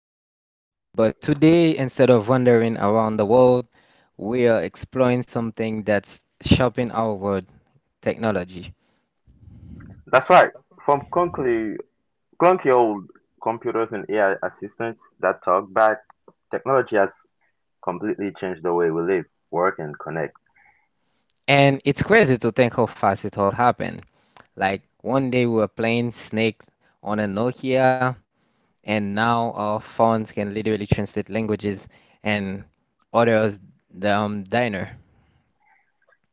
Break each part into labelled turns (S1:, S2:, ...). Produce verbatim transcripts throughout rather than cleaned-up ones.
S1: Talks. But today, instead of wandering around the world, we are exploring something that's shaping our world technology.
S2: That's right. From clunky, clunky old computers and A I assistants that talk back, technology has completely changed the way we live, work, and connect.
S1: And it's crazy to think how fast it all happened. Like one day we were playing Snake on a Nokia, and now our phones can literally translate languages and order us the um, diner.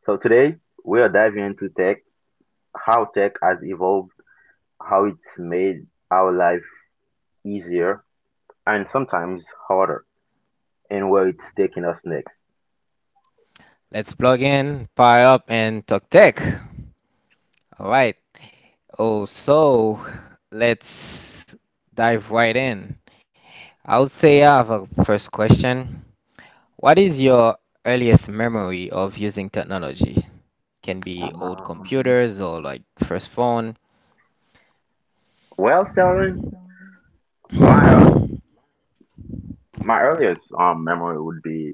S2: So today, we are diving into tech, how tech has evolved, how it's made our life easier and sometimes harder, and where it's taking us next.
S1: Let's plug in, power up, and talk tech. All right. Oh, so let's dive right in. I would say I have a first question. What is your earliest memory of using technology? Can be old
S2: Um,
S1: computers or like first phone.
S2: well, Sterling, my
S1: It's
S2: my earliest um memory would be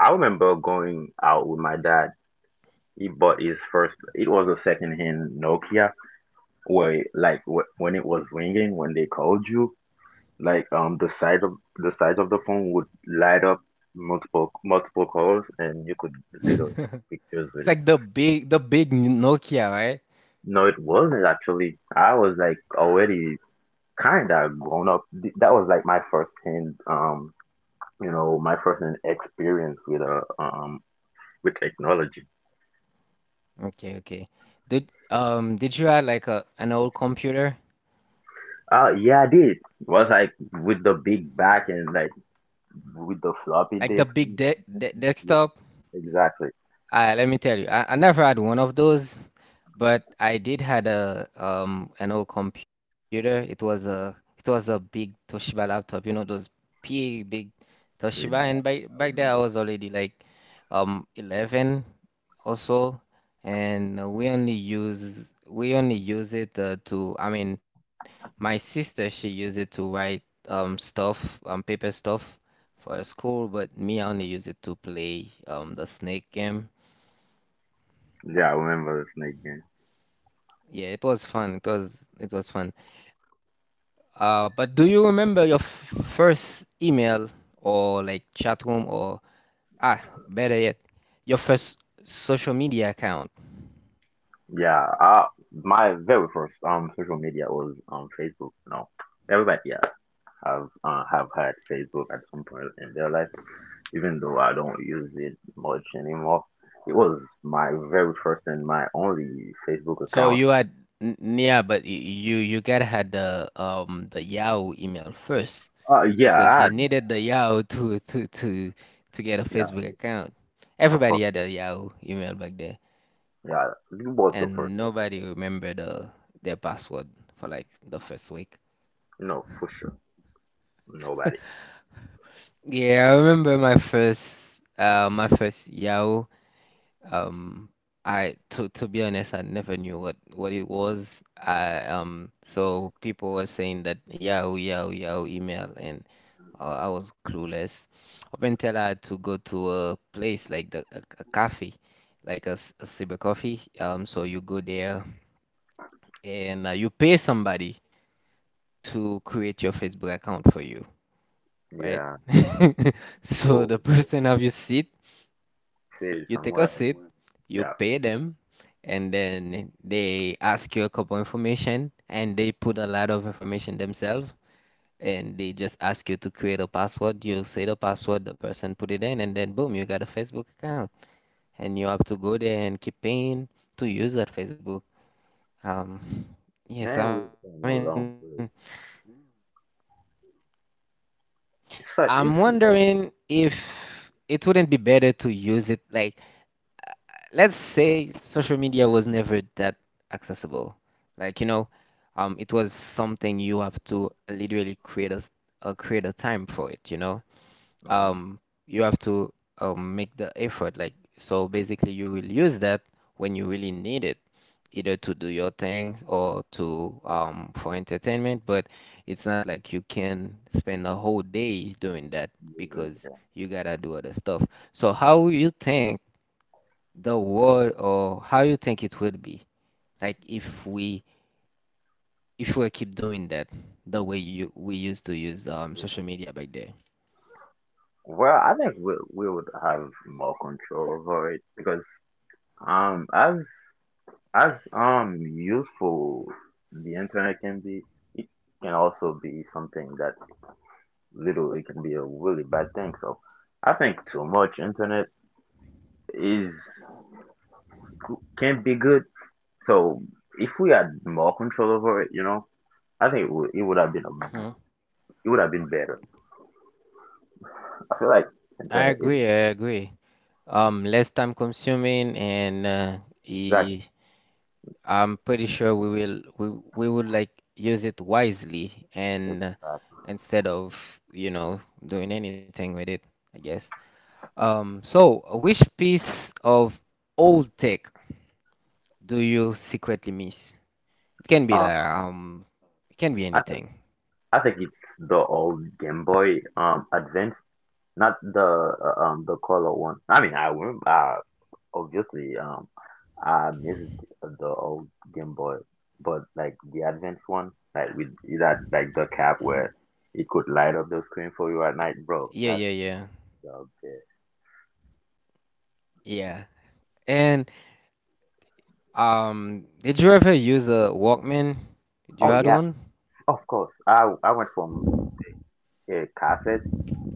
S2: I remember going out with my dad. He bought his first. It was a second-hand Nokia where, like, wh- when it was ringing, when they called you, like, um, the side of the side of the phone would light up, multiple multiple calls, and you could you know take pictures with it.
S1: like the big the big Nokia, right?
S2: No, it wasn't actually. I was like already kind of grown up. Th- That was like my first hand, um, you know, my first hand experience with uh, um with technology.
S1: Okay, okay. Did um did you have like a an old computer?
S2: Uh, yeah, I did. It was like with the big back and like, with the floppy
S1: Like the
S2: disk.
S1: big
S2: and-
S1: de
S2: and
S1: de
S2: just- yeah,
S1: desktop.
S2: exactly.
S1: Uh, let me tell you, I, I never had one of those, but I did had a um an old computer. It was a it was a big Toshiba laptop, you know, those big big Toshiba. And
S2: Yeah,
S1: by
S2: I
S1: back there, I
S2: remember.
S1: was already like um eleven or so, and uh, we only use we only use it uh, to. I mean, my sister she used it to write um stuff, um paper stuff for school, but me I only use it to play um the Snake game.
S2: Yeah, I remember the snake game.
S1: Yeah, it was fun. It was it was fun. Uh, but do you remember your f first email or like chat room or, ah, better yet, your first social media account?
S2: Yeah, I, my very first um social media was um Facebook. You know, everybody, yeah, have uh, have had Facebook at some point in their life, even though I don't use it much anymore. It was my very first and my only Facebook
S1: So
S2: account.
S1: you had n- yeah, but y- you you gotta had the um the Yahoo email first,
S2: Uh, yeah,
S1: because
S2: I
S1: you
S2: had,
S1: needed the Yahoo to to to to get a
S2: yeah,
S1: Facebook account.
S2: of
S1: Everybody
S2: course,
S1: had a Yahoo email back there,
S2: yeah, it was the first,
S1: and nobody remembered the their password for like the first week.
S2: you know, for sure. Nobody,
S1: Yeah, I remember my first uh my first Yahoo. Um I to to be honest, I never knew what what it was. I um so people were saying that Yahoo, Yahoo, Yahoo email, and uh, I was clueless. Up until I had to go to a place like the a, a cafe, like a, s- a cyber coffee. Um so you go there and uh, you pay somebody to create your Facebook account for you, right?
S2: yeah,
S1: So
S2: though,
S1: the person have your seat
S2: says
S1: You take a
S2: somewhere,
S1: seat, you
S2: yeah.
S1: pay them, and then they ask you a couple information, and they put a lot of information themselves, and they just ask you to create a password. You say the password, the person put it in, and then boom, you got a Facebook account, and you have to go there and keep paying to use that Facebook. Um, yes, I
S2: Man,
S1: mean,
S2: we've come a long way.
S1: I'm
S2: So
S1: wondering
S2: you see that?
S1: if it wouldn't be better to use it, like, let's say social media was never that accessible. Like, you know, um, it was something you have to literally create a, uh, create a time for it, you know?
S2: Hmm.
S1: Um, you have to, um, make the effort. Like, so basically you will use that when you really need it, either to do your thing or to, um, for entertainment, but it's not like you can spend a whole day doing that because
S2: Yeah.
S1: you gotta do other stuff. So how you think the world or how you think it will be like if we if we keep doing that the way you we used to use um social media back there.
S2: Well, I think we we would have more control over it because um as as um useful the internet can be, it can also be something that little it can be a really bad thing. So I think too much internet is can be good. So if we had more control over it, you know, I think it would, it would have been a,
S1: Hmm.
S2: it would have been better. I feel like
S1: I
S2: Kenta is
S1: agree I agree um less time consuming, and uh,
S2: exactly,
S1: i- I'm pretty sure we will we we would like use it wisely, and uh,
S2: exactly.
S1: instead of you know doing anything with it, I guess. Um so which piece of old tech do you secretly miss? It can be,
S2: Um,
S1: like, um, it can be
S2: I th-
S1: anything.
S2: I think it's the old Game Boy um Advance, not the uh, um the color one. I mean, I remember uh, obviously, um I missed the old Game Boy, but like the Advance one, like with that, like the cap
S1: Mhm.
S2: where it could light up the screen for you at night, bro.
S1: Yeah,
S2: That
S1: yeah,
S2: thing was
S1: yeah,
S2: the best.
S1: yeah. And, um, did you ever use a Walkman? Did you
S2: Oh
S1: had
S2: yeah,
S1: one?
S2: of course. I I went from a cassette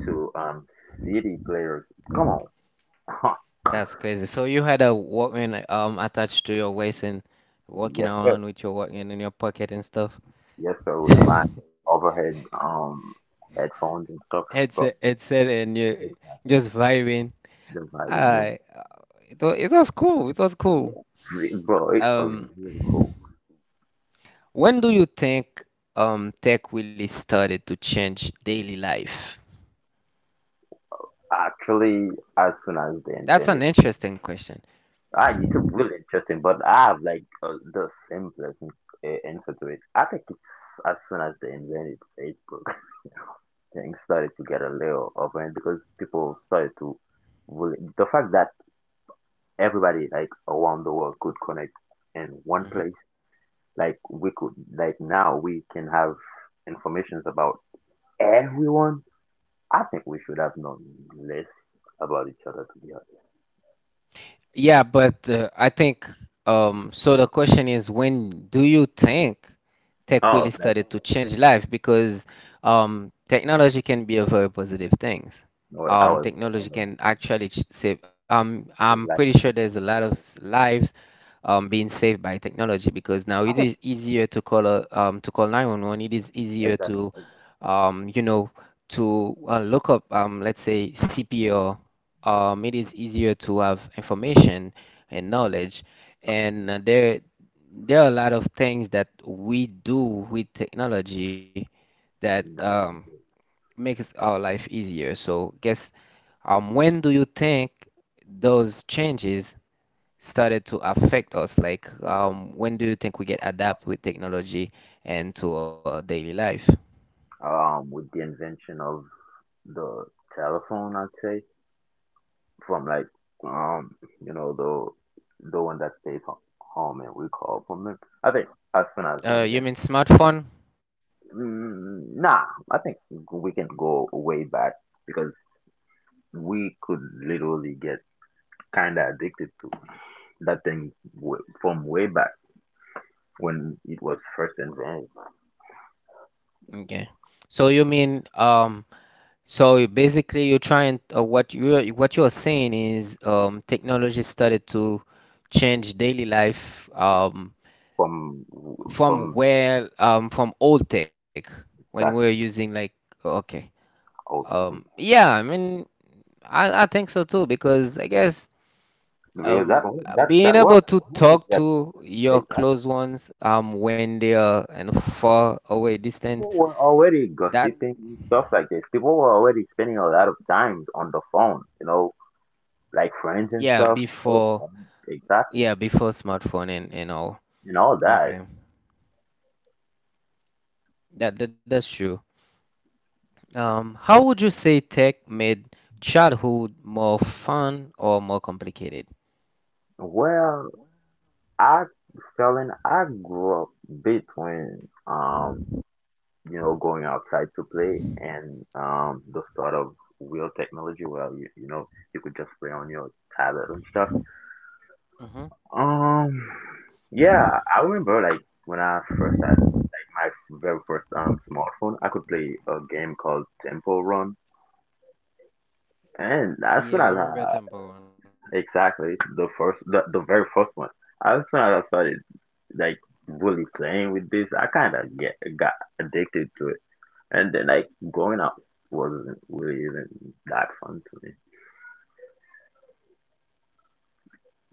S2: to um C D players. Come on.
S1: That's crazy. So you had a Walkman um attached to your waist and walking
S2: Yes, sir.
S1: around with your Walkman in your pocket and stuff.
S2: Yes, sir. With my overhead um headphones and stuff,
S1: Headset,
S2: bro.
S1: headset, and
S2: It
S1: you
S2: was
S1: just vibing.
S2: the vibe, man.
S1: I, uh, it was, it was cool. It was
S2: Yeah,
S1: cool.
S2: it- bro, it was
S1: Um.
S2: really cool.
S1: When do you think, um, tech really started to change daily life?
S2: Actually, as soon as they
S1: That's an
S2: invented,
S1: interesting question.
S2: ah, YouTube, really interesting, but I have like uh, the simplest uh, answer to it. I think it's as soon as they invented Facebook, things started to get a little overhead because people started to really, the fact that everybody, like, around the world could connect in one
S1: Mhm.
S2: place. Like we could, like now we can have informations about everyone. I think we should have known less about each other, to be honest.
S1: Yeah, but uh, I think, um, so, the question is, when do you think tech really
S2: Oh, that's
S1: started to change life? Because, um, technology can be a very positive thing.
S2: what I was
S1: um,
S2: thinking
S1: technology
S2: about.
S1: can actually ch- save. Um,
S2: It's
S1: I'm
S2: like,
S1: pretty sure there's a lot of s- lives um, being saved by technology, because now
S2: I
S1: it
S2: think,
S1: is easier to call a, um, to call nine one one. It is easier
S2: exactly.
S1: to, um, you know, to, uh, look up, um, let's say C P R. Um, it is easier to have information and knowledge, and uh, there there are a lot of things that we do with technology that,
S2: No.
S1: um, makes our life easier. So, guess, um, when do you think those changes started to affect us? Like, um, when do you think we get adapt with technology and to our daily life?
S2: Um, with the invention of the telephone, I'd say from like, um, you know, the the one that stays ho- home and we call from it. I think as soon as we
S1: Uh, you
S2: invent,
S1: mean smartphone?
S2: mm, nah, I think we can go way back, because we could literally get kind of addicted to that thing w- from way back when it was first invented.
S1: Okay. So you mean, um so basically you're trying, uh, what you what you're saying is, um technology started to change daily life, um
S2: From
S1: from
S2: from
S1: where, um from old tech when we're
S2: that
S1: using, like. Okay.
S2: out
S1: Um,
S2: from
S1: yeah, I mean, I, I think so too, because I guess,
S2: because that
S1: um,
S2: wa-
S1: uh,
S2: that
S1: being
S2: that was
S1: able to
S2: that was
S1: talk
S2: that
S1: to your
S2: exact.
S1: close ones, um, when they are in a far away distance,
S2: People were already
S1: that,
S2: gossiping and stuff like this, people were already spending a lot of time on the phone, you know, like friends and
S1: yeah,
S2: stuff. Oh
S1: before,
S2: com- exactly,
S1: yeah, before smartphone, and, and all.
S2: and all that.
S1: Okay, that, that that's true. Um, how would you say tech made childhood more fun or more complicated?
S2: Well, I Felon, I grew up between, um you know, going outside to play and, um, the start of real technology where you, you know, you could just play on your tablet and stuff.
S1: Mm-hmm.
S2: Um, yeah, I remember like when I first had my very first um smartphone, I could play a game called Temple Run, and as soon
S1: Yeah, I
S2: as
S1: remember
S2: I,
S1: Temple Run.
S2: exactly, the first, the, the very first one, as soon as I started like really playing with this, I kind of get got addicted to it. And then like growing up wasn't really even that fun to me.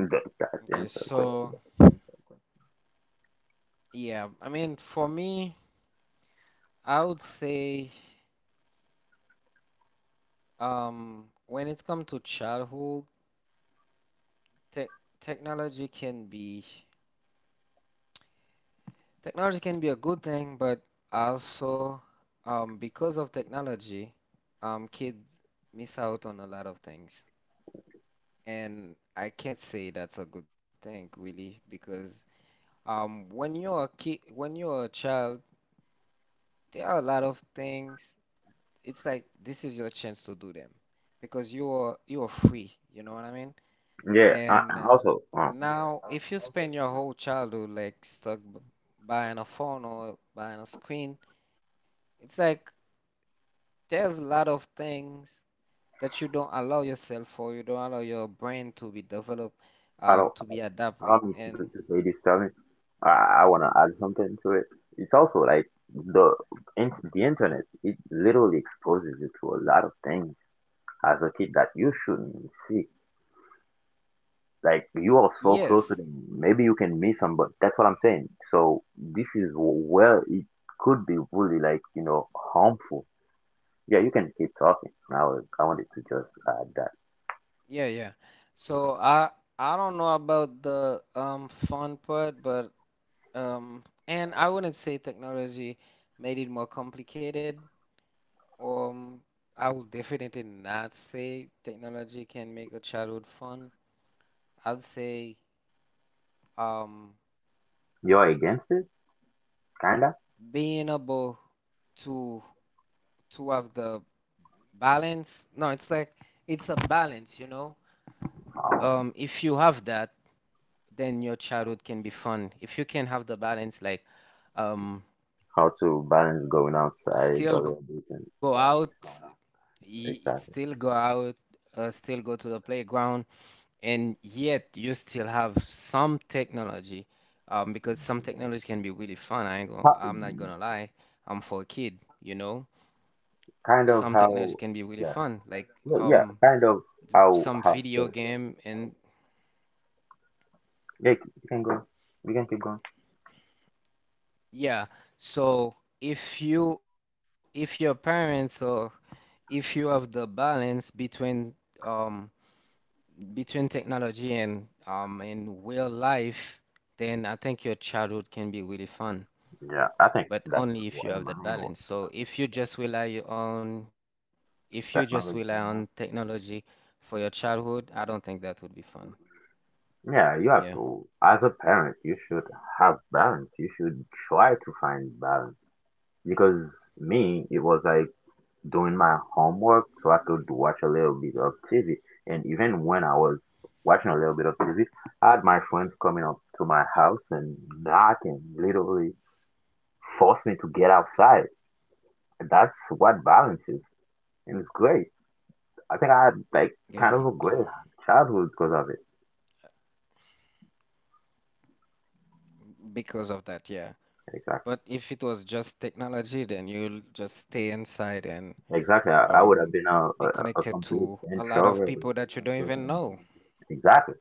S2: That, that's the
S1: Okay,
S2: answer to the
S1: so
S2: question.
S1: yeah, I mean, for me, I would say. Um, when it comes to childhood, tech technology can be technology can be a good thing, but also, um, because of technology, um, kids miss out on a lot of things. And I can't say that's a good thing, really, because, um, when you're a kid, when you're a child, there are a lot of things. It's like this is your chance to do them because you're you're free. You know what I mean?
S2: Yeah. I,
S1: And
S2: I also, um,
S1: now, if you spend your whole childhood like stuck b- behind a phone or behind a screen, it's like there's a lot of things that you don't allow yourself, or you don't allow your brain to be developed,
S2: I
S1: um,
S2: don't,
S1: to be adapt
S2: I
S1: with.
S2: don't mean to,
S1: And
S2: to say this, Tommy. I, I want to add something to it. It's also like the in, the internet. It literally exposes you to a lot of things as a kid that you shouldn't see. Like you are so close
S1: yes,
S2: to them, maybe you can miss them, but that's what I'm saying. So this is wh- where it could be really, like, you know, harmful. Yeah, you can keep talking. I was, I wanted to just add that.
S1: yeah, yeah. So I I don't know about the um fun part, but, um, and I wouldn't say technology made it more complicated. Um, I will definitely not say technology can make a childhood fun. I'd say, um,
S2: You're against it,
S1: being able
S2: kinda.
S1: to to have the balance. No, it's like it's a balance, you know. Um, if you
S2: Oh,
S1: have
S2: okay.
S1: that, then your childhood can be fun. If you can have the balance, like, um,
S2: How to balance going
S1: still
S2: outside a
S1: go
S2: little bit,
S1: out,
S2: and
S1: y- y- still go out,
S2: exactly.
S1: uh, still go to the playground, and yet you still have some technology, um, because some technology can be really fun. I ain't gonna, I'm not
S2: How,
S1: gonna lie. I'm for a kid, you know. Some
S2: kind of
S1: technology can be
S2: how,
S1: really fun,
S2: yeah,
S1: like,
S2: well,
S1: um,
S2: yeah, kind of,
S1: some
S2: how how
S1: video
S2: so.
S1: game, and
S2: Yeah, you can go. We can keep going.
S1: yeah. So if you, if your parents or if you have the balance between um between technology and um and real life, then I think your childhood can be really fun,
S2: Yeah, I
S1: but
S2: think
S1: only
S2: that's
S1: if you have
S2: what
S1: that
S2: in my
S1: balance.
S2: whole
S1: So if you just rely on if you just rely on
S2: technology now.
S1: technology for your childhood, I don't think that would be fun. Yeah,
S2: Yeah, you have to. As a parent, you should have balance. You should try to find balance, because me, it was like doing my homework, so I could watch a little bit of T V. And even when I was watching a little bit of T V, had my friends coming up to my house and knocking, literally force me to get outside. That's what balance is, and it's great. I think I had like
S1: exactly.
S2: kind of a great childhood because of it.
S1: Because of that, yeah. But
S2: Exactly,
S1: if it was just technology, then you'll just stay inside and
S2: exactly. I, I
S1: um
S2: would have been a,
S1: be
S2: a, a
S1: connected
S2: complete
S1: to a lot of
S2: introvert.
S1: people that you don't even know.
S2: Exactly.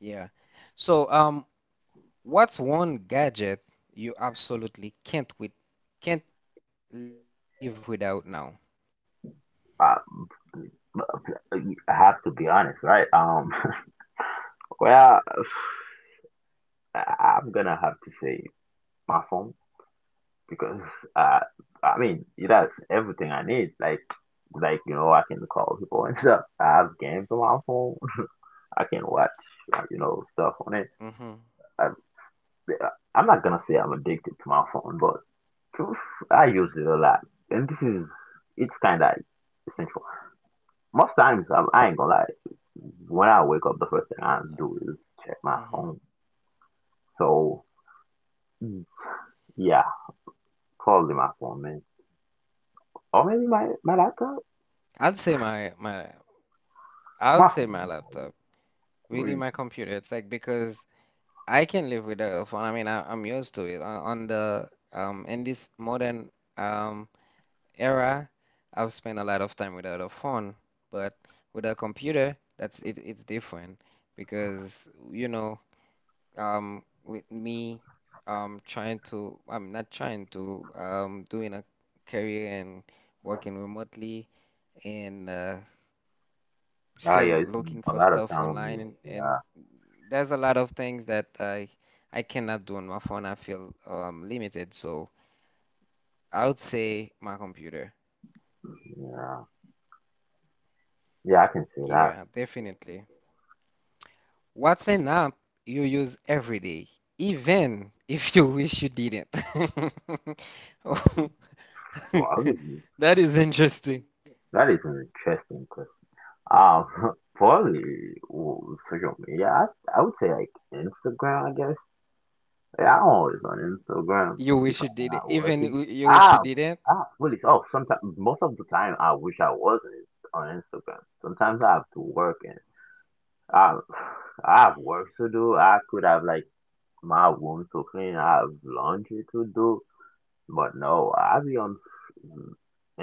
S1: Yeah. So, um, What's one gadget you absolutely can't with can't live without now?
S2: Uh, I have to be honest, right? Um, well, I- I'm gonna have to say my phone because, uh, I mean, it has everything I need. Like like you know, I can call people and stuff. I have games on my phone. I can watch, uh, you know, stuff on it.
S1: Hmm.
S2: I, I'm not gonna say I'm addicted to my phone, but truth, I use it a lot, and this is, it's kind of essential. Most times I'm, I ain't gonna lie. When I wake up, the first thing I do is check my
S1: Hmm.
S2: phone. So, mm, yeah, probably my phone, man. Or maybe my, my laptop?
S1: I'd say my my I'll
S2: My
S1: say my
S2: phone.
S1: laptop. Really,
S2: We-
S1: my computer. It's like because I can live without a phone. I mean, I, I'm used to it. On, on the um in this modern, um era, I've spent a lot of time without a phone, but with a computer, that's it. It's different because, you know um with me, um trying to I'm not trying to um doing a career and working remotely, and uh,
S2: Oh,
S1: still
S2: yeah, it's
S1: looking
S2: been
S1: for
S2: about a
S1: stuff
S2: time
S1: online
S2: ago.
S1: and,
S2: Yeah,
S1: and there's a lot of things that I I cannot do on my phone. I feel um limited, so I would say my computer.
S2: yeah. Yeah, I can say that.
S1: Yeah, definitely. What's an app you use every day, even if you wish you didn't?
S2: Probably.
S1: That is interesting.
S2: That is an interesting question. Um, probably, w- social media. I, I would say like Instagram, I guess. Yeah, I'm always on Instagram
S1: You
S2: if
S1: wish you
S2: I'm
S1: did it.
S2: not
S1: Even
S2: working.
S1: w- you wish you
S2: Ah,
S1: did it,
S2: ah, really? Oh, sometimes, most of the time, I wish I wasn't on Instagram. Sometimes I have to work and I, I have work to do. I could have like my room so clean. I have laundry to do, but no, I be on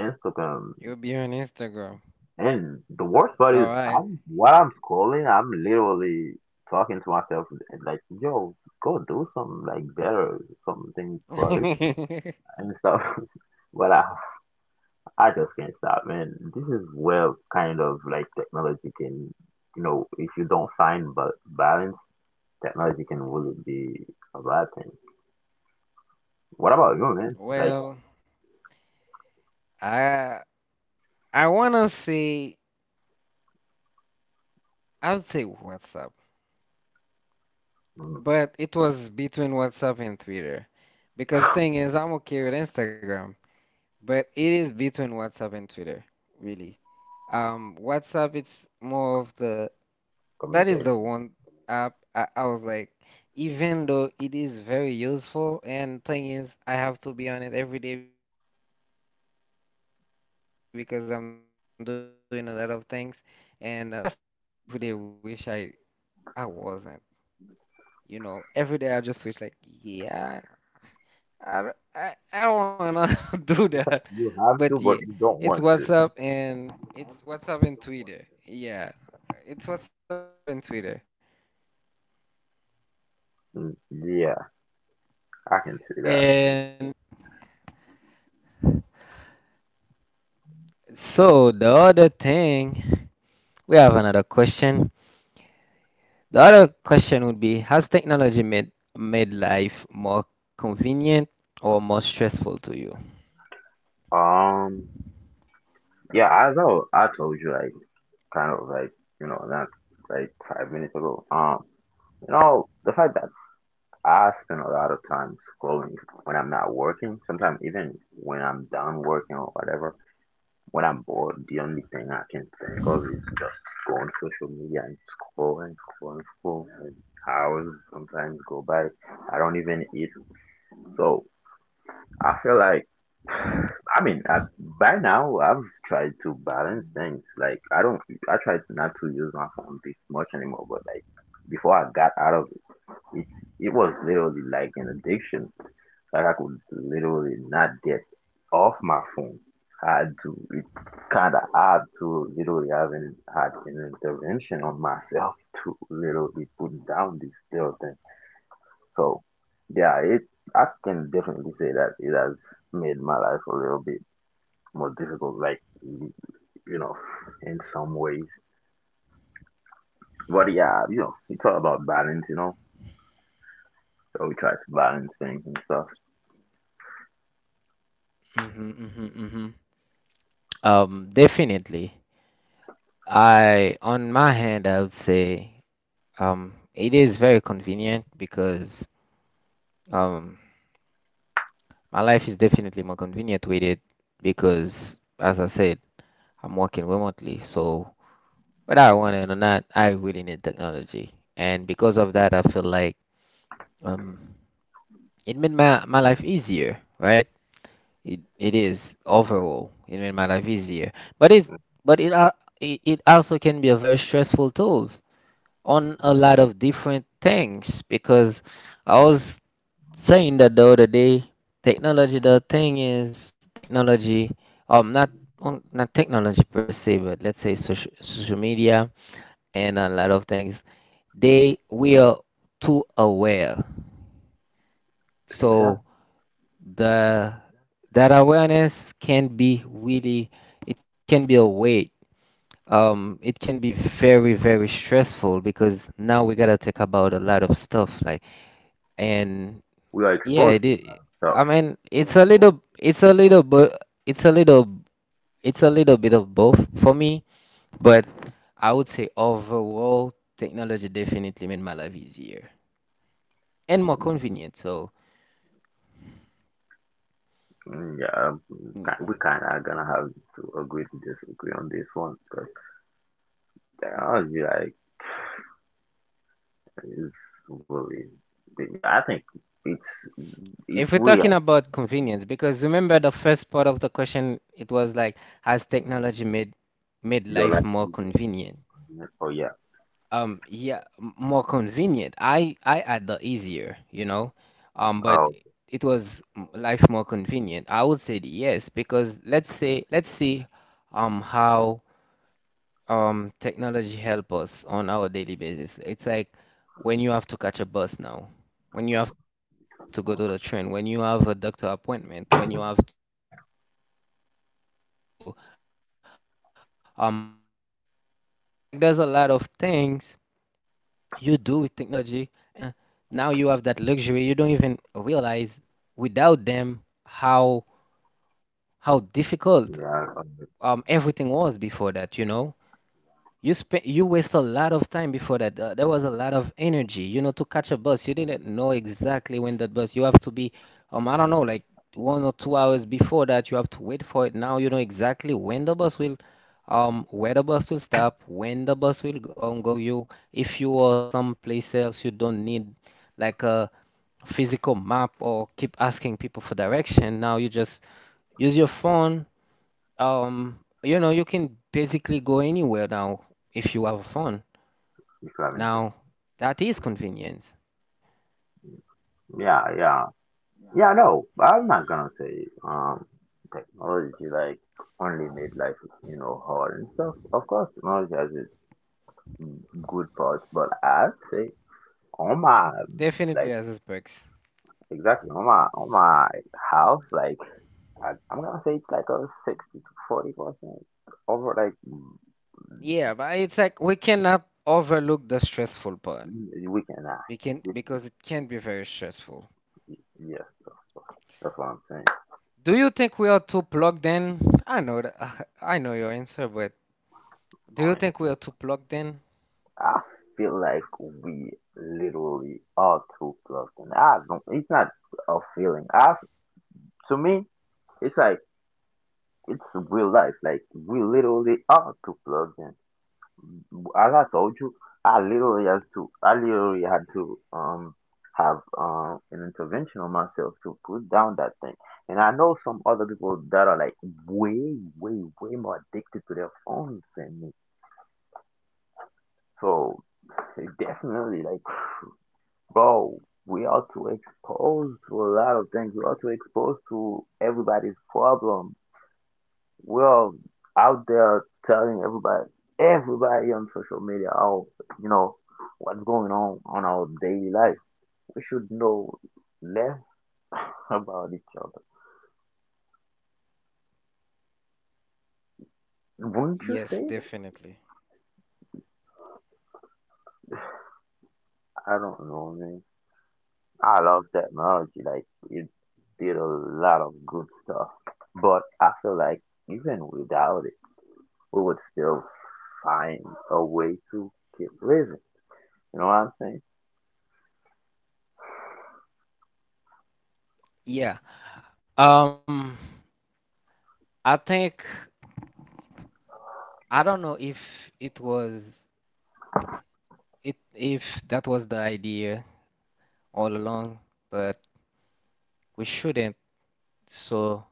S2: Instagram.
S1: you'll be on Instagram.
S2: And the worst part is,
S1: All right.
S2: I'm while I'm scrolling, I'm literally talking to myself like, "Yo, go do something like better, something productive and stuff." But I, I just can't stop, man. This is where, kind of like, technology can, you know, if you don't find ba- balance, technology can really be a bad thing. What about you, man? Like,
S1: Well, I I wanna say I would say WhatsApp, but it was between WhatsApp and Twitter, because thing is, I'm okay with Instagram, but it is between WhatsApp and Twitter, really. Um, WhatsApp it's more of the that is the
S2: communication.
S1: one app I, I was like, even though it is very useful, and thing is, I have to be on it every day because I'm doing a lot of things, and a lot of uh, my point of contact is on WhatsApp. But I still every day wish I I wasn't. You know, every day I just wish like, yeah, I d- I, I don't wanna do
S2: In fact,
S1: that.
S2: you have to,
S1: But
S2: but
S1: yeah,
S2: you don't
S1: it's
S2: want to.
S1: WhatsApp and it's WhatsApp and Twitter. Yeah, it's WhatsApp and Twitter.
S2: Mm, yeah, I can see that.
S1: And so the other thing, we have another question. The other question would be, has technology made made life more convenient or more stressful to you?
S2: Um, yeah, as I, I told you, like, kind of like, you know, not like five minutes ago. Um, you know, the fact that I spend a lot of time scrolling when I'm not working, sometimes even when I'm done working or whatever, when I'm bored, the only thing I can think of is just going on social media and scrolling, scrolling, scrolling. And hours sometimes go by. I don't even eat. So I feel like, I mean, I, by now I've tried to balance things. Like I don't, I try not to use my phone this much anymore. But like before I got out of it, it's it was literally like an addiction. Like I could literally not get off my phone. I had to, it kind of hard to literally have an had an intervention on myself to literally put down this little thing. So yeah, it I can definitely say that it has made my life a little bit more difficult, like, y- you know, in some ways. But yeah, you know, it's all about balance, you know. So we try to balance things and stuff.
S1: Hmm, hmm, hmm. Um, definitely. I, on my hand, I would say, um, it is very convenient because um, my life is definitely more convenient with it because, as I said, I'm working remotely, so whether I want it or not, I really need technology. And because of that, I feel like um, it made my, my life easier, right? It, it is overall, it made my life easier. But it's, but it, al- it it also can be a very stressful tools on a lot of different things because I was saying that the other day, technology, the thing is, technology, um, not um, not technology per se, but let's say social, social media and a lot of things, they we are too aware. So
S2: Exactly.
S1: the that awareness can be really, it can be a weight. Um, it can be very, very stressful because now we gotta talk about a lot of stuff like and
S2: We are
S1: yeah,
S2: exposed
S1: it
S2: to a lot
S1: is.
S2: of stuff.
S1: I mean, it's a little, it's a little, but it's a little, it's a little bit of both for me. But I would say overall, technology definitely made my life easier and more convenient. So,
S2: Mm, yeah, um, ki- we
S1: yeah.
S2: kind of gonna have to agree to disagree on this one because technology, like, is really. Yeah, I think it's if
S1: If we're
S2: we
S1: talking
S2: are
S1: about convenience, because remember the first part of the question, it was like, has technology made made
S2: your
S1: life
S2: life.
S1: more convenient?
S2: Oh yeah.
S1: Um, yeah, m- more convenient. I I had the easier, you know. Um, but
S2: Oh
S1: it was m- life more convenient. I would say yes because let's say let's see um how um technology help us on our daily basis. It's like when you have to catch a bus now, when you have to go to the train, when you have a doctor appointment, when you have to um catch a plane, when you have to. It's like there's a lot of things you do with technology and uh, now you have that luxury you don't even realize without them how how
S2: yeah.
S1: difficult um everything was before that, you know, you spent you waste a lot of time before that. Uh, there was a lot of energy, you know, to catch a bus. You didn't know exactly when that bus. You have to be, um, I don't know, like one or two hours before that. You have to wait for it. Now you know exactly when the bus will, um, where the bus will stop, when the bus will go, um, go. You, if you are someplace else, you don't need like a physical map or keep asking people for direction. Now you just use your phone, um, you know, you can basically go anywhere now if you have a phone.
S2: If you haven't.
S1: Now, that is convenience.
S2: Yeah, yeah. Yeah, no, I'm not gonna say um technology like only made life, you know, hard and stuff. Of course technology has its good parts, but I'd say on my
S1: Definitely
S2: like
S1: has its perks.
S2: exactly on my on my house. Like I, I'm gonna say it's like a sixty to forty percent over. Like mm,
S1: Yeah, but it's like we cannot overlook the stressful part.
S2: mm, we can act.
S1: We can
S2: This-
S1: because it can be very stressful.
S2: Yeah, that's what I'm saying.
S1: Do you think we are too plugged in? I know that, I know your answer, but do
S2: I
S1: you
S2: mean.
S1: think we are too plugged in?
S2: I feel like we literally are too close, and I don't. It's not a feeling. I to me, it's like it's real life. Like we literally are too close, and as I told you, I literally had to. I literally had to um have um an intervention on myself to put down that thing. And I know some other people that are like way, way, way more addicted to their phones than me. So it definitely, like. Bro, we are too exposed to a lot of things. We are too exposed to everybody's problem. We're out there telling everybody, everybody on social media, how you know what's going on on our daily life. We should know less about each other. Wouldn't you say?
S1: Yes, definitely.
S2: I don't know, man. I love technology. Like it did a lot of good stuff, but I feel like even without it, we would still find a way to keep living. You know what I'm saying?
S1: Yeah. Um, I think I don't know if it was. It, if that was the idea all along, but we shouldn't so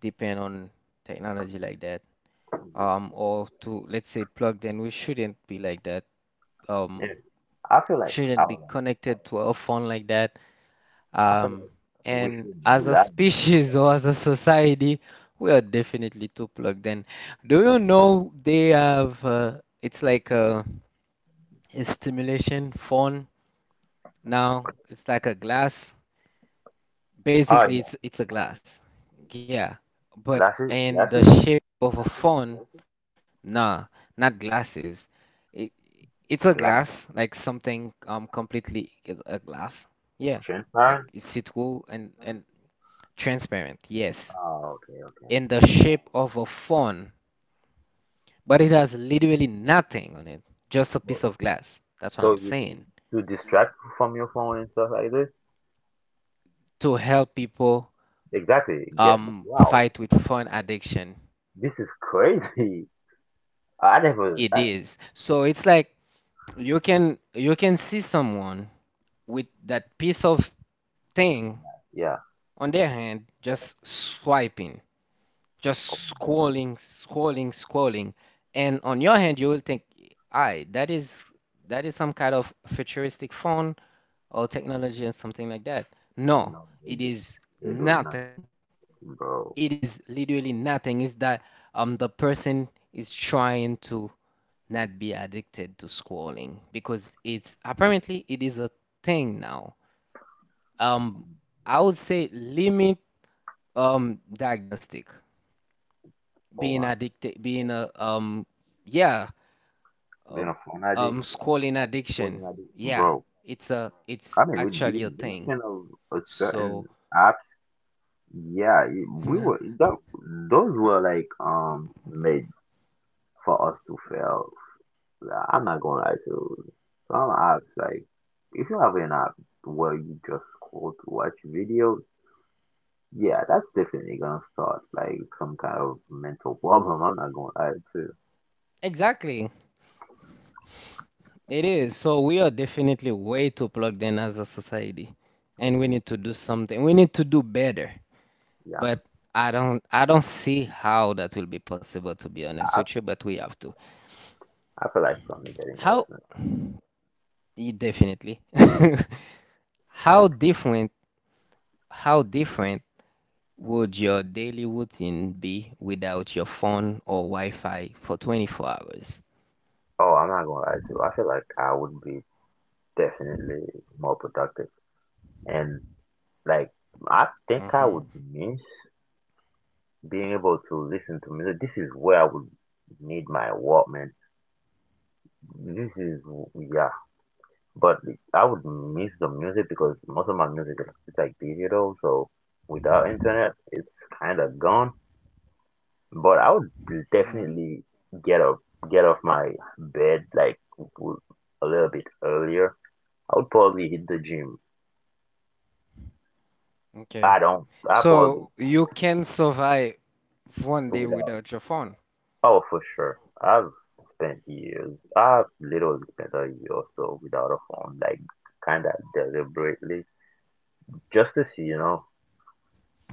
S1: depend on technology like that.
S2: Yeah.
S1: Um, or to let's say plugged in, we shouldn't be like that.
S2: Yeah.
S1: Um,
S2: I feel
S1: we
S2: like I
S1: shouldn't be
S2: don't know.
S1: connected to our phone like that.
S2: I feel
S1: Um,
S2: like we
S1: and
S2: should
S1: as a
S2: rely on something.
S1: species or as a society, we are definitely too plugged in. Do you know they have uh, it's like a, a stimulation phone now? It's like a glass.
S2: Oh
S1: Basically,
S2: yeah.
S1: it's it's a glass. Yeah, but
S2: Glasses,
S1: in the
S2: glasses?
S1: shape of a phone, nah, not glasses. It it's a glass,
S2: Glass.
S1: like something um completely g- a glass. Yeah, like
S2: Transparent?
S1: it's it will and and transparent. Yes,
S2: Oh, okay, okay.
S1: in the shape of a phone, but it has literally nothing on it, just a
S2: Well,
S1: piece of glass. That's
S2: so
S1: what I'm
S2: you
S1: saying.
S2: to distract you from your phone and stuff like this?
S1: To help people
S2: Exactly. Get.
S1: um
S2: Wow.
S1: fight with phone addiction,
S2: This is crazy. I never
S1: it
S2: I,
S1: is. So it's like you can you can see someone with that piece of thing
S2: yeah.
S1: on their hand just swiping just scrolling, scrolling, scrolling, and on your hand you will think I that is that is some kind of futuristic phone or technology or something like that. No,
S2: No, they
S1: it
S2: do
S1: is
S2: they are doing nothing.
S1: nothing.
S2: Bro.
S1: It is literally nothing. It's that um the person is trying to not be addicted to scrolling because it's apparently it is a thing now. Um, I would say limit um diagnostic
S2: Oh
S1: being
S2: my
S1: addicted being a um yeah
S2: god. Being
S1: um,
S2: a phone addict,
S1: um scrolling addiction.
S2: holding addict.
S1: Yeah,
S2: Bro.
S1: it's a
S2: I
S1: it's
S2: mean, with the
S1: actually a thing.
S2: invention of a certain
S1: So
S2: apps, yeah, it, we were that, those were like um made for us to fail. I'm not gonna lie to you. Some apps, like if you have an app where you just scroll to watch videos, yeah, that's definitely gonna start like some kind of mental problem. I'm not gonna lie to you.
S1: exactly it is. So we are definitely way too plugged in as a society and we need to do something. We need to do better.
S2: Yeah,
S1: But I don't I don't see how that will be possible to be honest
S2: I
S1: with you, but we have to.
S2: I feel like it's only getting worse.
S1: How
S2: Man.
S1: y- definitely. How different how different would your daily routine be without your phone or Wi-Fi for twenty-four hours?
S2: Oh, I'm not gonna lie to you. I feel like I would be definitely more productive. And like I think
S1: Mm-hmm,
S2: I would miss being able to listen to music. This is where I would need my Walkman. This is Yeah, but I would miss the music because most of my music is it's like digital, so without internet, it's kind of gone. But I would
S1: mm-hmm.
S2: definitely get up, get off my bed, like w- a little bit earlier. I would probably hit the gym.
S1: Okay.
S2: I don't. I probably.
S1: So you can survive one day
S2: Without.
S1: without your phone.
S2: Oh, for sure. I've spent years, I've literally spent a year or so without a phone, like kind of deliberately, just to see, you know,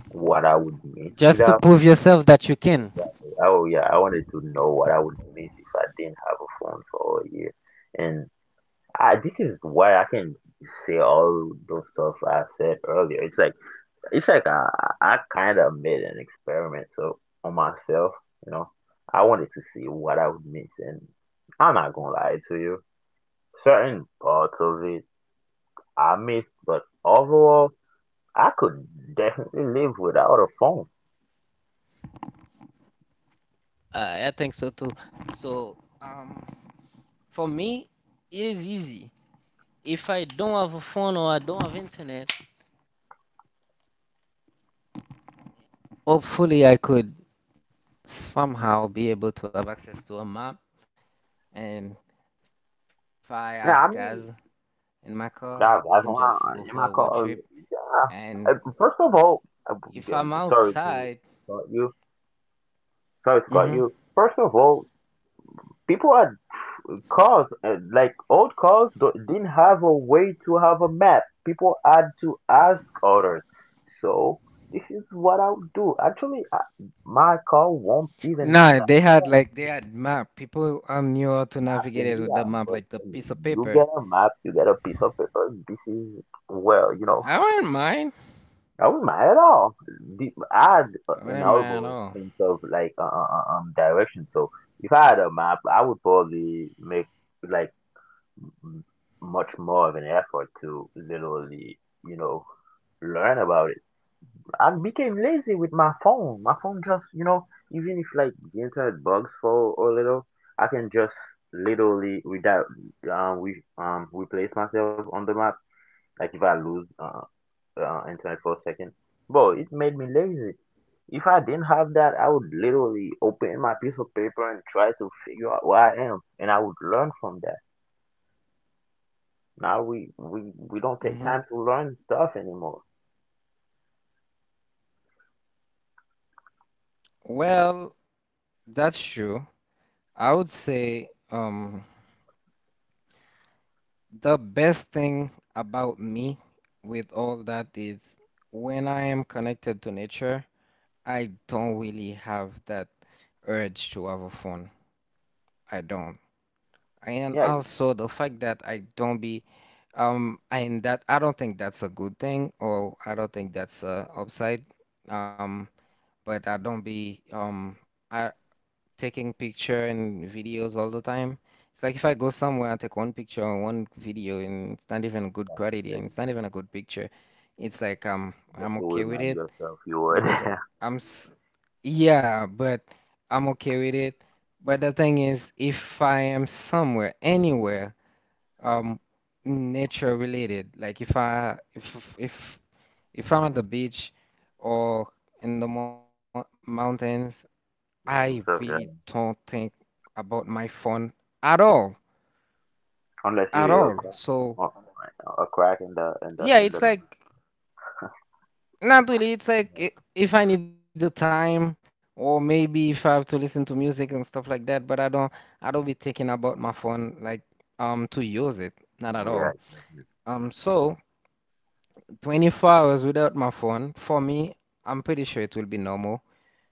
S2: what I would miss
S1: Just to
S2: without.
S1: prove yourself that you can.
S2: Exactly. Oh, yeah, I wanted to know what I would miss if I didn't have a phone for a year. And I, this is why I can say all those stuff I said earlier. It's like, It's like I, I kind of made an experiment so on myself. You know, I wanted to see what I would miss, and I'm not gonna lie to you. Certain parts of it I missed, but overall, I could definitely live without a phone.
S1: Uh, I think so too. So, um, for me, it is easy. If I don't have a phone or I don't have internet, hopefully I could somehow be able to have access to a map. And if I have gas
S2: Yeah, I
S1: in
S2: mean,
S1: my car, I can just go
S2: that,
S1: for a
S2: that's
S1: road
S2: why
S1: trip.
S2: I'm in my car.
S1: And
S2: Ah, uh, first of all,
S1: if I'm
S2: I'm I'm
S1: outside,
S2: sorry to cut you.
S1: hmm,
S2: Sorry to cut you. First of all, people are cars, uh, like old cars do- didn't have a way to have a map. People had to ask others, so this is what I would do. Actually, I, my car won't even
S1: no,
S2: map
S1: they had like they had map. People um knew how to navigate
S2: in
S1: it with the
S2: here.
S1: map,
S2: But
S1: like the piece of
S2: you
S1: paper.
S2: get a map, you get a piece of paper. This is, well, you know,
S1: I wouldn't mind.
S2: I was mad at all the, I had uh,
S1: I
S2: an
S1: wouldn't mind at
S2: overall
S1: all.
S2: sense of, like, uh, uh, uh, um direction. So if I had a map I would probably make, like, m- much more of an effort to literally, you know, learn about it. I became lazy with my phone. My phone just, you know, even if like the internet bugs for a little, I can just literally without um we um replace myself on the map. Like if I lose uh, uh internet for a second, bro, it made me lazy. If I didn't have that, I would literally open my piece of paper and try to figure out where I am, and I would learn from that. Now we we we don't take
S1: Hmm.
S2: time to learn stuff anymore.
S1: Well, that's true. I would say um the best thing about me with all that is when I am connected to nature, I don't really have that urge to have a phone. I don't.
S2: Yeah,
S1: And
S2: you-
S1: also the fact that I don't be um and that I don't think that's a good thing or I don't think that's a upside. Um, but I don't be um I taking picture and videos all the time. It's like if I go somewhere, I take one picture or one video, and it's not even good
S2: that's
S1: quality,
S2: very-
S1: and it's not even a good picture. It's like um,
S2: just
S1: I'm
S2: to
S1: okay with
S2: remind
S1: it
S2: yourself you were
S1: because I'm,
S2: there.
S1: I'm s- yeah, but I'm okay with it. But the thing is, if I am somewhere, anywhere, um, nature related, like if I if if if I'm at the beach or in the mo mountains I really
S2: So, yeah.
S1: don't think about my phone at all,
S2: Unless
S1: at
S2: you hear a
S1: all.
S2: crack,
S1: So
S2: or- a crack in the in the in
S1: yeah,
S2: the
S1: it's
S2: night.
S1: like not really. It's like i- if I need the time, or maybe if I have to listen to music and stuff like that. But I don't, I don't be thinking about my phone like um to use it, not at
S2: Yeah,
S1: all. Um, so twenty-four hours without my phone for me, I'm pretty sure it will be normal.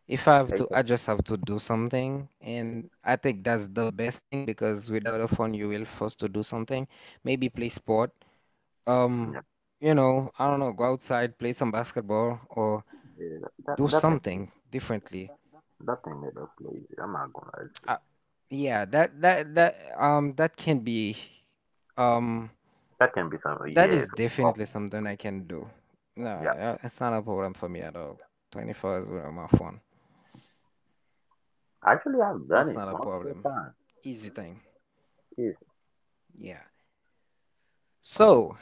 S1: If I have to,
S2: it's a-
S1: I just have to do something, and I think that's the best thing because without a phone, you will forced to do something. Maybe play sport. Um,
S2: yeah.
S1: you know, I don't know, go outside, play some basketball, or
S2: Yeah. That
S1: do
S2: that thing is.
S1: something differently.
S2: That thing made us lazy. I'm not gonna.
S1: I, yeah, that that that um that can be um
S2: That can be something.
S1: that
S2: Yeah,
S1: is
S2: it's
S1: definitely
S2: awful.
S1: something I can do. No,
S2: Yeah,
S1: uh, it's not a problem for me at all. twenty-four hours without my phone.
S2: actually, I've done
S1: That's
S2: it
S1: not a
S2: multiple
S1: problem.
S2: times.
S1: Easy thing.
S2: Is
S1: Yeah. So.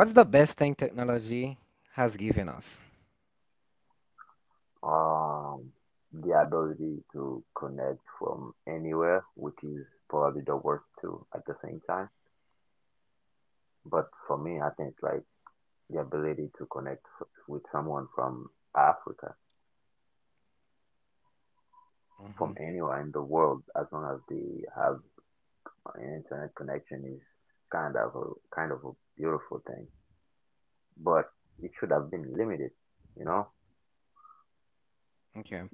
S1: What's the best thing technology has given us?
S2: um the ability to connect from anywhere, which is probably the worst too at the same time. But for me, I think it's like the ability to connect f- with someone from Africa, from
S1: Hmm.
S2: anywhere in the world, as long as they have an internet connection, is kind of a kind of a beautiful thing. But it should have been limited, you know,
S1: Okay.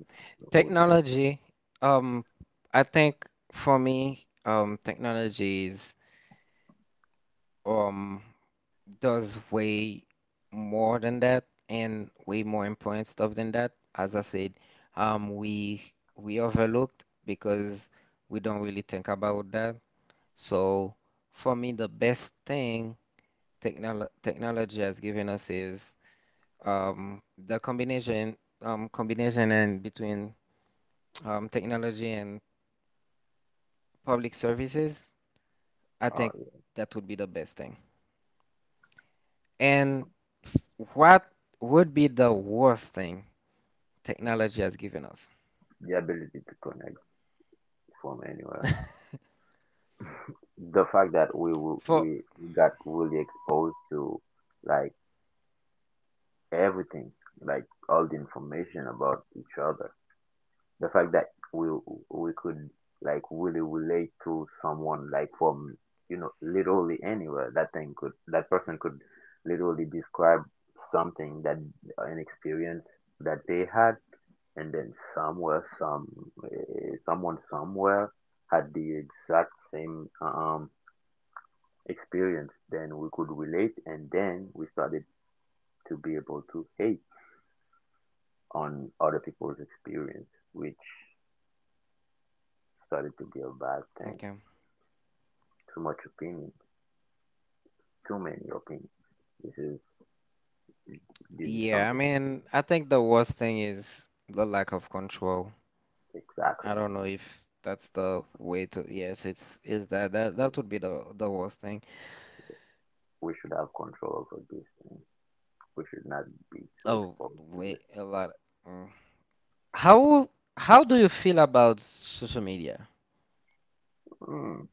S2: which
S1: Technology, um, I think for me, um, technology is, um, does way more than that and way more important stuff than that. As I said, um, we we overlooked because we don't really think about that. So for me, the best thing technolo technology has given us is um, the combination um, combination and between um, technology and public services, I
S2: uh,
S1: think that would be the best thing. And what would be the worst thing technology has given us?
S2: the ability to connect from anywhere. The fact that we w-
S1: For
S2: we we got really exposed to, like, everything, like all the information about each other, the fact that we we could, like, really relate to someone, like from you know literally anywhere, that thing could that person could literally describe something that an experience that they had, and then somewhere some eh, someone somewhere had the exact same um experience. Then we could relate, and then we started to be able to hate on other people's experience, which started to be a bad thing.
S1: okay,
S2: too much opinion, Too many opinions. This is this is
S1: yeah, I
S2: something.
S1: mean, I think the worst thing is the lack of control. I
S2: Exactly.
S1: don't know if that's the way to. Yes, it's is that that that would be the the worst thing.
S2: We should have control over these things. We should not be too
S1: Oh,
S2: exposed to it.
S1: wait, a lot. Mm. How how do you feel about social media?
S2: Mm,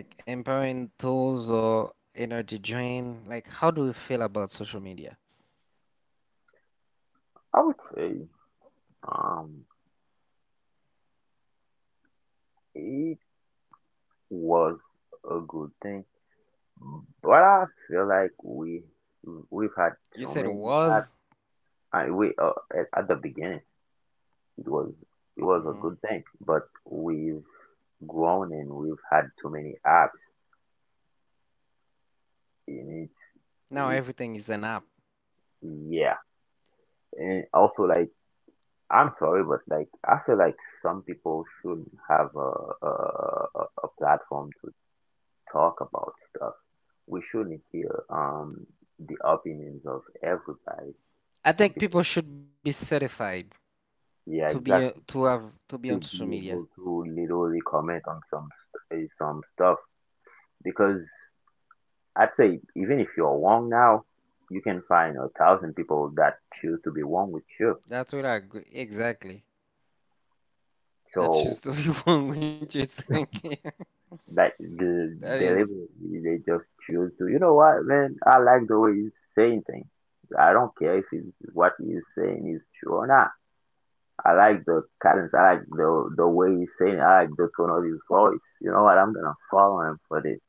S1: Like empowering tools or energy drain? Like how do you feel about social media?
S2: I would say um it was a good thing, but I feel like we we've had too
S1: You said
S2: many. at
S1: was.
S2: I we uh, at, at the beginning it was it was a
S1: Hmm.
S2: good thing, but we've grown and we've had too many apps in it.
S1: Now
S2: It
S1: everything is an app.
S2: yeah. And also, like, I'm sorry, but, like, I feel like some people should have a a, a a platform to talk about stuff. We should hear um the opinions of everybody.
S1: I
S2: Some
S1: think
S2: people,
S1: people should be certified to
S2: yeah,
S1: be uh, to
S2: exactly,
S1: have to be on
S2: to
S1: social
S2: be
S1: media.
S2: able to literally comment on some st- eh, some stuff, because I'd say even if you're wrong now, you can find a thousand people that choose to be wrong with you.
S1: That's what I agree. Exactly. That's
S2: So,
S1: just what you want with you thinking.
S2: like, the
S1: That is
S2: deliberately they just choose to, you know what, man, I like the way he's saying things, I don't care if it's what he's saying is true or not. I like the cadence, I like the the way he's saying it. I like the tone of his voice, you know what, I'm gonna follow him for this.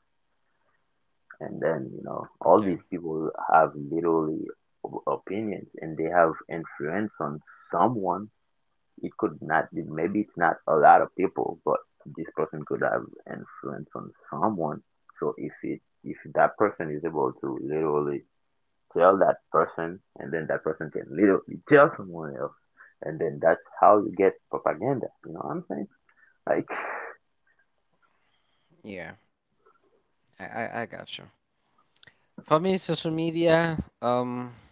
S2: And then, you know, all
S1: okay.
S2: these people have literally o- opinions, and they have influence on someone. It could not be, maybe it's not a lot of people, but this person could have influence on someone. So if it if that person is able to literally tell that person, and then that person can literally tell someone else, and then that's how you get propaganda, you know what I'm saying? Like,
S1: Yeah, I, I I got you. For me, social media. Um,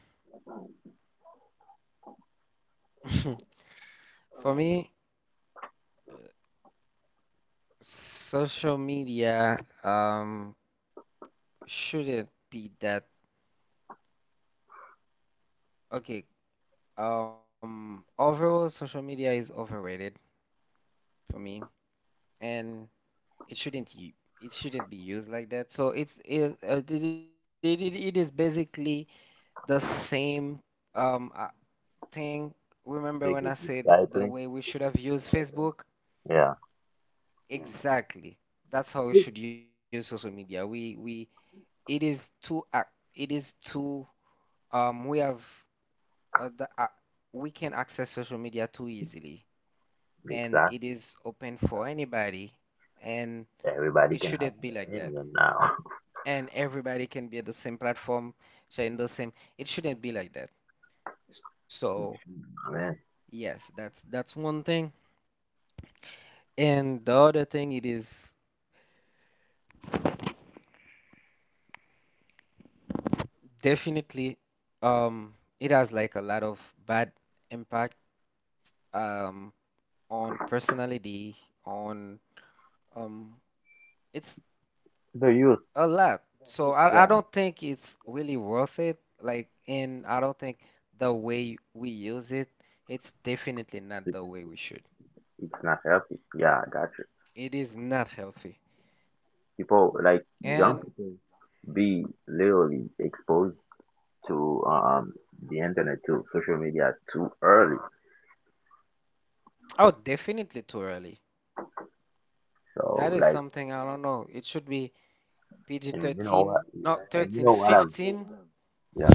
S1: for me. Social media um shouldn't be that okay. Um, overall, social media is overrated for me, and it shouldn't u- it shouldn't be used like that. So it's it uh, it, it, it it is basically the same um uh, thing. Remember
S2: they
S1: when I
S2: keep
S1: said the
S2: recycling.
S1: way we should have used Facebook?
S2: Yeah.
S1: Exactly. That's how we should use social media. We we it is too ac- it is too um we have uh, the, uh, we can access social media too easily, and
S2: Exactly.
S1: it is open for anybody, and
S2: Everybody
S1: it
S2: can have
S1: shouldn't
S2: an
S1: be like that.
S2: opinion now.
S1: And everybody can be at the same platform, sharing the same. It shouldn't be like that. So yes,
S2: Man.
S1: that's that's one thing. And the other thing, it is definitely, um, it has like a lot of bad impact, um, on personality, on, um, it's
S2: The youth.
S1: a lot. So I, I
S2: Yeah.
S1: don't think it's really worth it. Like, and I don't think the way we use it, it's definitely not the
S2: it's,
S1: way we should.
S2: it's not healthy. Yeah, I got you.
S1: It is not healthy.
S2: People, like young
S1: And
S2: people, be literally exposed to um the internet, to social media, too early.
S1: oh, definitely too early.
S2: So,
S1: That
S2: like,
S1: is something I don't know. It should be
S2: and you know what
S1: P G thirteen, not
S2: and you know
S1: thirteen,
S2: what I've
S1: fifteen
S2: yeah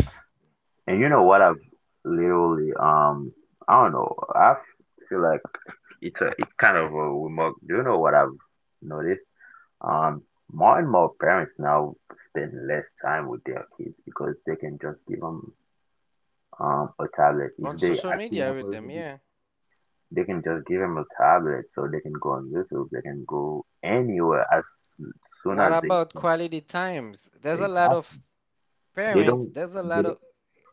S2: and you know what I've literally um I don't know, I feel like it's a, it's kind of a remark. Do you know what I've noticed? um More and more parents now spend less time with their kids because they can just give them um a tablet if
S1: on
S2: they
S1: social
S2: acting
S1: media
S2: up a
S1: with
S2: little
S1: them.
S2: bit.
S1: Yeah.
S2: They can just give them a tablet so they can go on YouTube. They can go anywhere as soon
S1: What
S2: as they
S1: about
S2: can.
S1: quality times? There's a lot of
S2: Exactly. They
S1: parents,
S2: don't.
S1: there's a lot
S2: They
S1: of
S2: don't.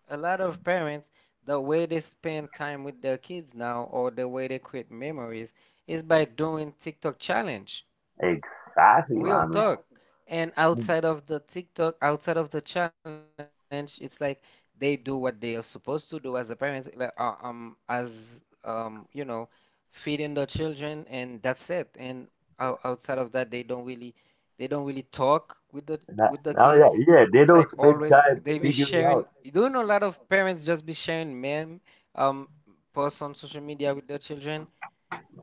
S1: a lot of parents, the way they spend time with their kids now, or the way they create memories, is by doing TikTok challenge.
S2: Exactly,
S1: Real
S2: man. I
S1: talk. And
S2: mean,
S1: outside of the TikTok, outside of the challenge, it's like they do what they are supposed to do as a parent, like, uh, um, as um, you know, feeding the children, and that's it. And ou- outside of that, they don't really, they don't really talk with the with the
S2: not,
S1: kid.
S2: not that, yeah,
S1: It's
S2: yeah, they
S1: like
S2: don't
S1: always
S2: spend
S1: they
S2: time
S1: be
S2: figuring it
S1: sharing.
S2: out.
S1: You don't know, a lot of parents just be sharing meme um posts on social media with their children,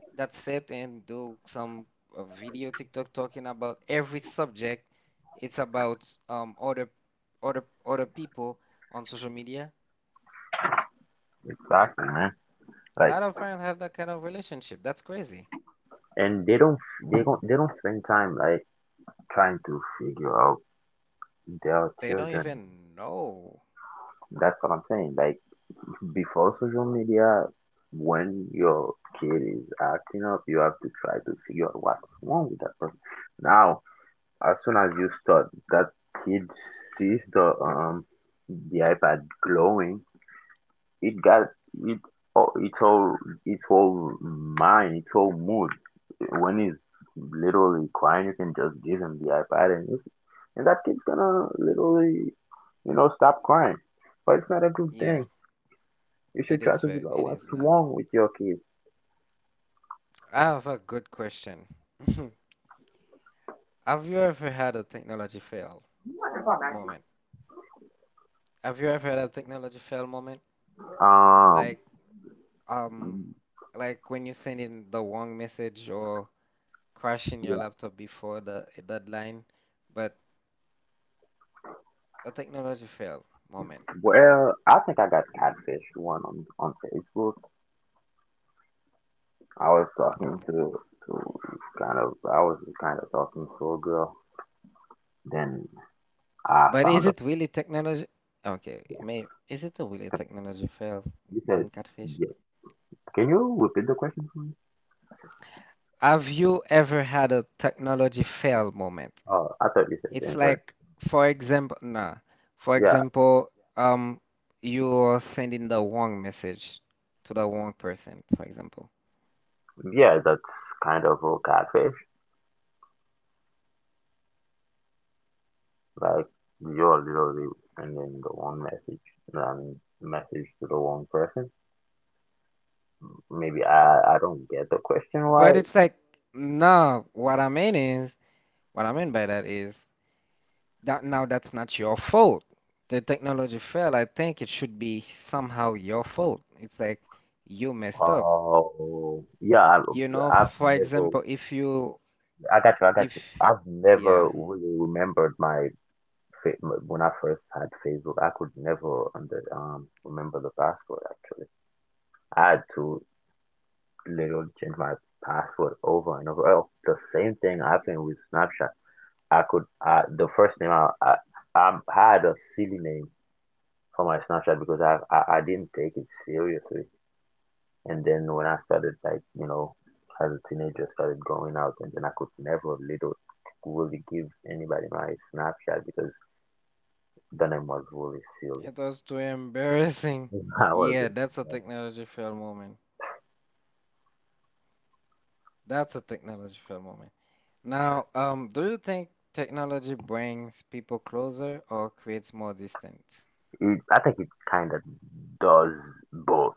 S1: that sit and do some uh, video TikTok talking about every subject. It's about um, other other other people on social media.
S2: Exactly, man.
S1: A
S2: Like,
S1: lot of parents have that kind of relationship. That's crazy.
S2: and they don't. They don't. They don't spend time like trying to figure out their
S1: They don't
S2: children.
S1: even know.
S2: That's what I'm saying. Like. Before social media, when your kid is acting up, you have to try to figure out what's wrong with that person. Now, as soon as you start, that kid sees the um the iPad glowing, it got it all, it's all it's all mind, it's all mood. When he's literally crying, you can just give him the iPad, and you- and that kid's gonna literally, you know, stop crying. But it's not a good
S1: Yeah,
S2: thing. You
S1: it
S2: should
S1: is
S2: try to
S1: fair.
S2: figure
S1: It
S2: out
S1: is
S2: what's
S1: not.
S2: wrong with your kids.
S1: I have a good question. Have you ever had a technology fail moment? Have you ever had a technology fail moment?
S2: Um,
S1: Like um like when you send in the wrong message or crashing
S2: yeah.
S1: your laptop before the deadline, but a technology fail moment.
S2: Well, I think I got catfished one on on Facebook. I was talking to to kind of I was kind of talking to a girl. Then I
S1: But
S2: found
S1: is
S2: out.
S1: it really technology? Okay,
S2: Yeah.
S1: may is it a really technology fail
S2: You said
S1: in Catfish?
S2: yeah. Can you repeat the question for me?
S1: Have you ever had a technology fail moment?
S2: Oh, I thought you said the
S1: It's
S2: internet.
S1: like, for example, nah, for
S2: Yeah,
S1: example, um, you're sending the wrong message to the wrong person, for example.
S2: yeah, that's kind of a catfish. Like you're literally sending the wrong message and message to the wrong person. Maybe I I don't get the question
S1: But
S2: right.
S1: it's like, no, what I mean is, what I mean by that is that now that's not your fault. The technology failed. I think it should be somehow your fault. It's like you messed up.
S2: Oh, yeah, I,
S1: You know,
S2: I've
S1: for
S2: never.
S1: example, if you
S2: I got you. I got you.
S1: if
S2: I've never
S1: yeah,
S2: really remembered my fa- when I first had Facebook. I could never under um remember the password. Actually, I had to literally change my password over and over. Oh, the same thing happened with Snapchat. I could. Uh, the first name I I, I had a silly name for my Snapchat because I, I I didn't take it seriously. And then when I started, like, you know, as a teenager started going out and then I could never little really give anybody my Snapchat because the name was really
S1: it
S2: silly.
S1: was too embarrassing.
S2: I
S1: Yeah,
S2: wasn't.
S1: that's a technology fail moment. That's a technology fail moment. Now, um, do you think technology brings people closer or creates more distance?
S2: It, I think it kind of does both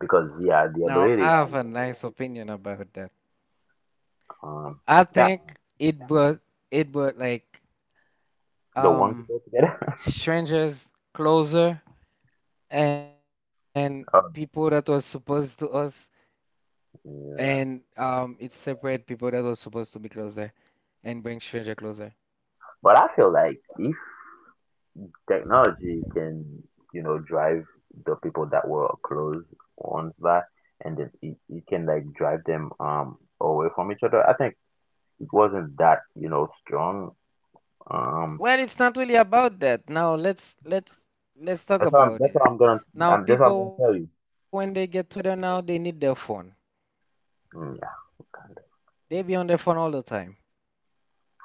S2: because yeah, the
S1: Now,
S2: ability
S1: I have
S2: to
S1: a nice opinion about that.
S2: um
S1: I
S2: yeah,
S1: think it brought it brought like
S2: the one
S1: um
S2: people together.
S1: strangers closer, and people that was
S2: um,
S1: supposed to us, and
S2: yeah,
S1: um it separate people that was supposed to be closer, and bring stranger closer.
S2: but I feel like if technology can, you know, drive the people that were close ones back and then it, it can like drive them um away from each other. I think it wasn't that, you know, strong. um
S1: Well, it's not really about that. Now, let's let's let's talk
S2: that's what i'm
S1: about
S2: that's
S1: it.
S2: what I'm gonna,
S1: Now
S2: i'm
S1: people,
S2: just I'm
S1: when they
S2: gonna tell
S1: get
S2: you.
S1: together, now they need their phone.
S2: Mm, yeah,
S1: They
S2: kinda.
S1: be on their phone all the time.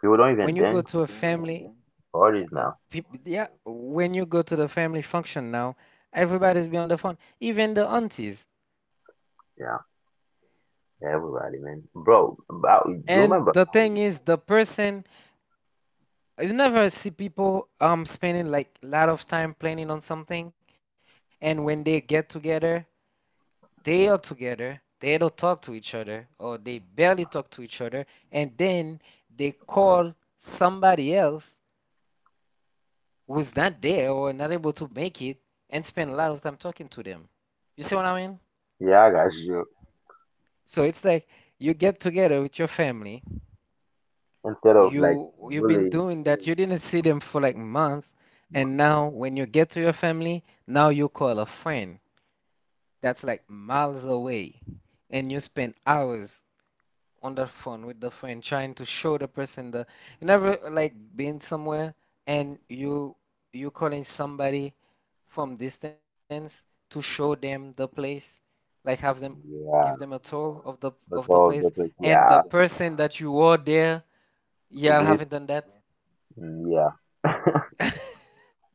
S2: People
S1: When
S2: don't
S1: you go
S2: even
S1: to a
S2: dance and
S1: family, Mhm.
S2: parties
S1: uh,
S2: now.
S1: peop yeah, when you go to the family function now, everybody's be on the phone, even the aunties.
S2: Yeah, everybody, man, bro, about you
S1: And
S2: remember
S1: the
S2: how.
S1: thing is, the person, you never see people um spending like a lot of time planning on something, and when they get together, they are together. They don't talk to each other, or they barely talk to each other, and then they call somebody else who's not there or not able to make it, and spend a lot of time talking to them. You see what I mean?
S2: Yeah, I got you.
S1: So it's like you get together with your family.
S2: Instead of like,
S1: You you've been
S2: really.
S1: doing that. You didn't see them for like months, and now when you get to your family, now you call a friend that's like miles away, and you spend hours on the phone with the friend trying to show the person the you never like been somewhere, and you you calling somebody from distance to show them the place, like have them give
S2: Yeah,
S1: them a tour of the of
S2: that's
S1: the
S2: all
S1: place,
S2: the place,
S1: and the
S2: yeah.
S1: person that you were there, y'all
S2: We.
S1: haven't done that.
S2: Yeah.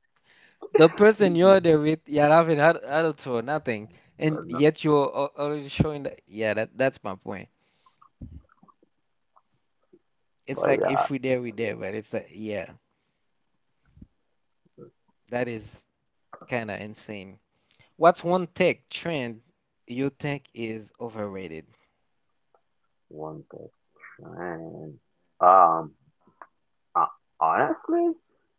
S1: The person you're
S2: Mhm.
S1: there with, you're having had adults or nothing, and
S2: But no,
S1: yet you're al- already showing that. Yeah, that that's my point.
S2: but
S1: It's
S2: yeah,
S1: like if we there, we there, but it's like yeah, that is kind of insane. What's one tech trend you think is overrated?
S2: one question. And, um, uh, Honestly,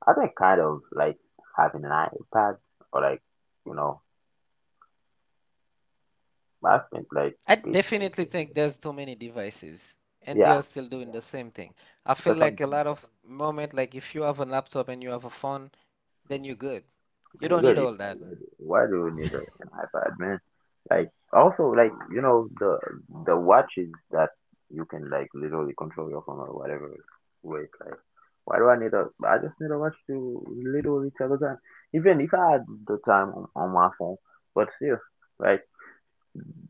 S2: I've been kind of like having an iPad or like, you know, I've been like,
S1: I
S2: it-
S1: definitely think there's too many devices, and they
S2: yeah,
S1: are still doing the same thing. I feel
S2: that's how.
S1: like a lot of moment, like if you have a laptop and you have a phone, then you're good.
S2: And
S1: You
S2: you
S1: don't
S2: gotta
S1: need
S2: be like,
S1: all that.
S2: why do why do we need a, an iPad, man? Like, also, like, you know, the the watches that you can like literally control your phone or whatever with. Like, why do I need a? I just need a watch to literally tell the time. Even if I had the time on, on my phone, but still, like,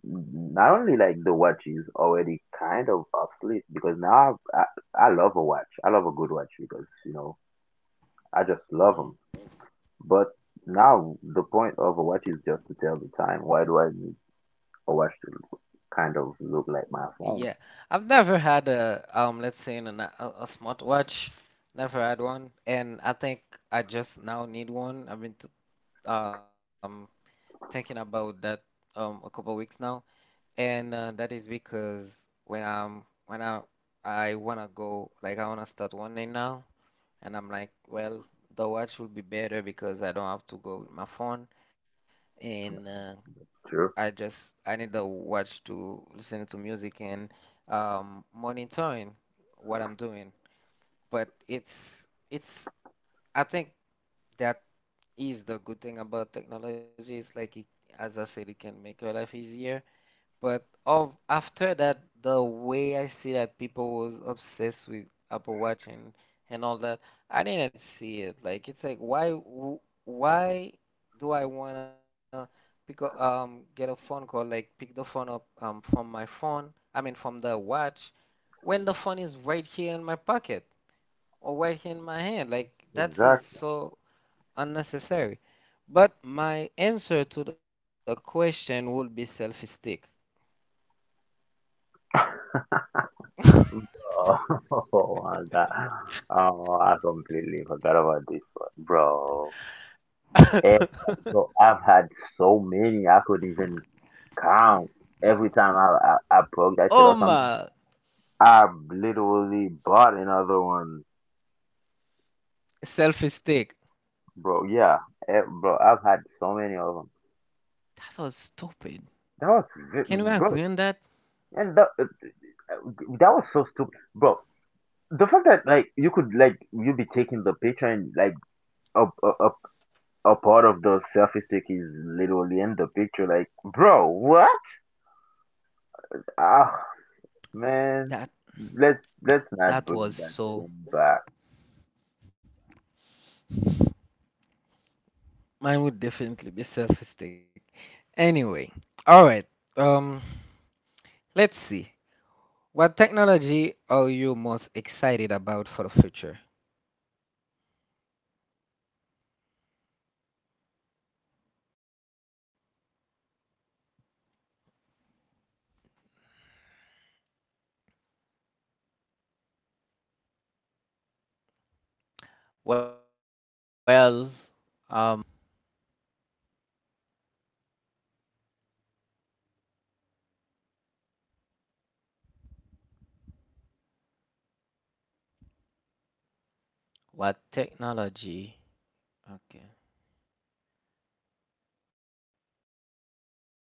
S2: not only like the watch is already kind of obsolete because now I, I I love a watch. I love a good watch because you know I just love them.
S1: Mhm.
S2: But now the point of a watch is just to tell the time. Why do I need a watch to kind of look like my phone?
S1: Yeah, I've never had a um, let's say in a, na- a a smartwatch. Never had one, and I think I just now need one. I've been t um thinking about that um a couple of weeks now, and uh, that is because when I'm when I I wanna go, like, I wanna start running now, and I'm like, well, the watch will be better because I don't have to go with my phone, and uh, I
S2: True.
S1: just I need the watch to listen to music and um, monitoring what I'm doing. But it's it's I think that is the good thing about technology. It's like it, as I said, it can make your life easier, but of after that, the way I see that people was obsessed with Apple Watch, and and all that, I didn't see it. Like, it's like why w- why do I wanna pick a, um get a phone call, like pick the phone up um from my phone, I mean from the watch, when the phone is right here in my pocket or right here in my hand. Like that is
S2: Exactly.
S1: so unnecessary. But my answer to the question would be selfie stick.
S2: Oh, oh my god. Oh, I completely forgot about this one, bro. Every- so I've had so many I could even count. Every time I I,
S1: oh
S2: I broke
S1: my
S2: that shit or something, I literally bought another one,
S1: selfie stick.
S2: bro. Yeah, eh, bro. I've had so many of them.
S1: That was stupid.
S2: That was vi-
S1: Can we agree
S2: bro.
S1: on that?
S2: And that, uh, uh, that was so stupid, bro. The fact that like you could like you be taking the picture and like a a, a, a part of the selfie stick is literally in the picture, like bro, what? Ah,
S1: That
S2: man, let's let's not
S1: that was
S2: bring that
S1: so.
S2: thing back.
S1: Mine would definitely be selfie stick. Anyway, all right. Um, let's see. What technology are you most excited about for the future? Well, um, what technology? Okay.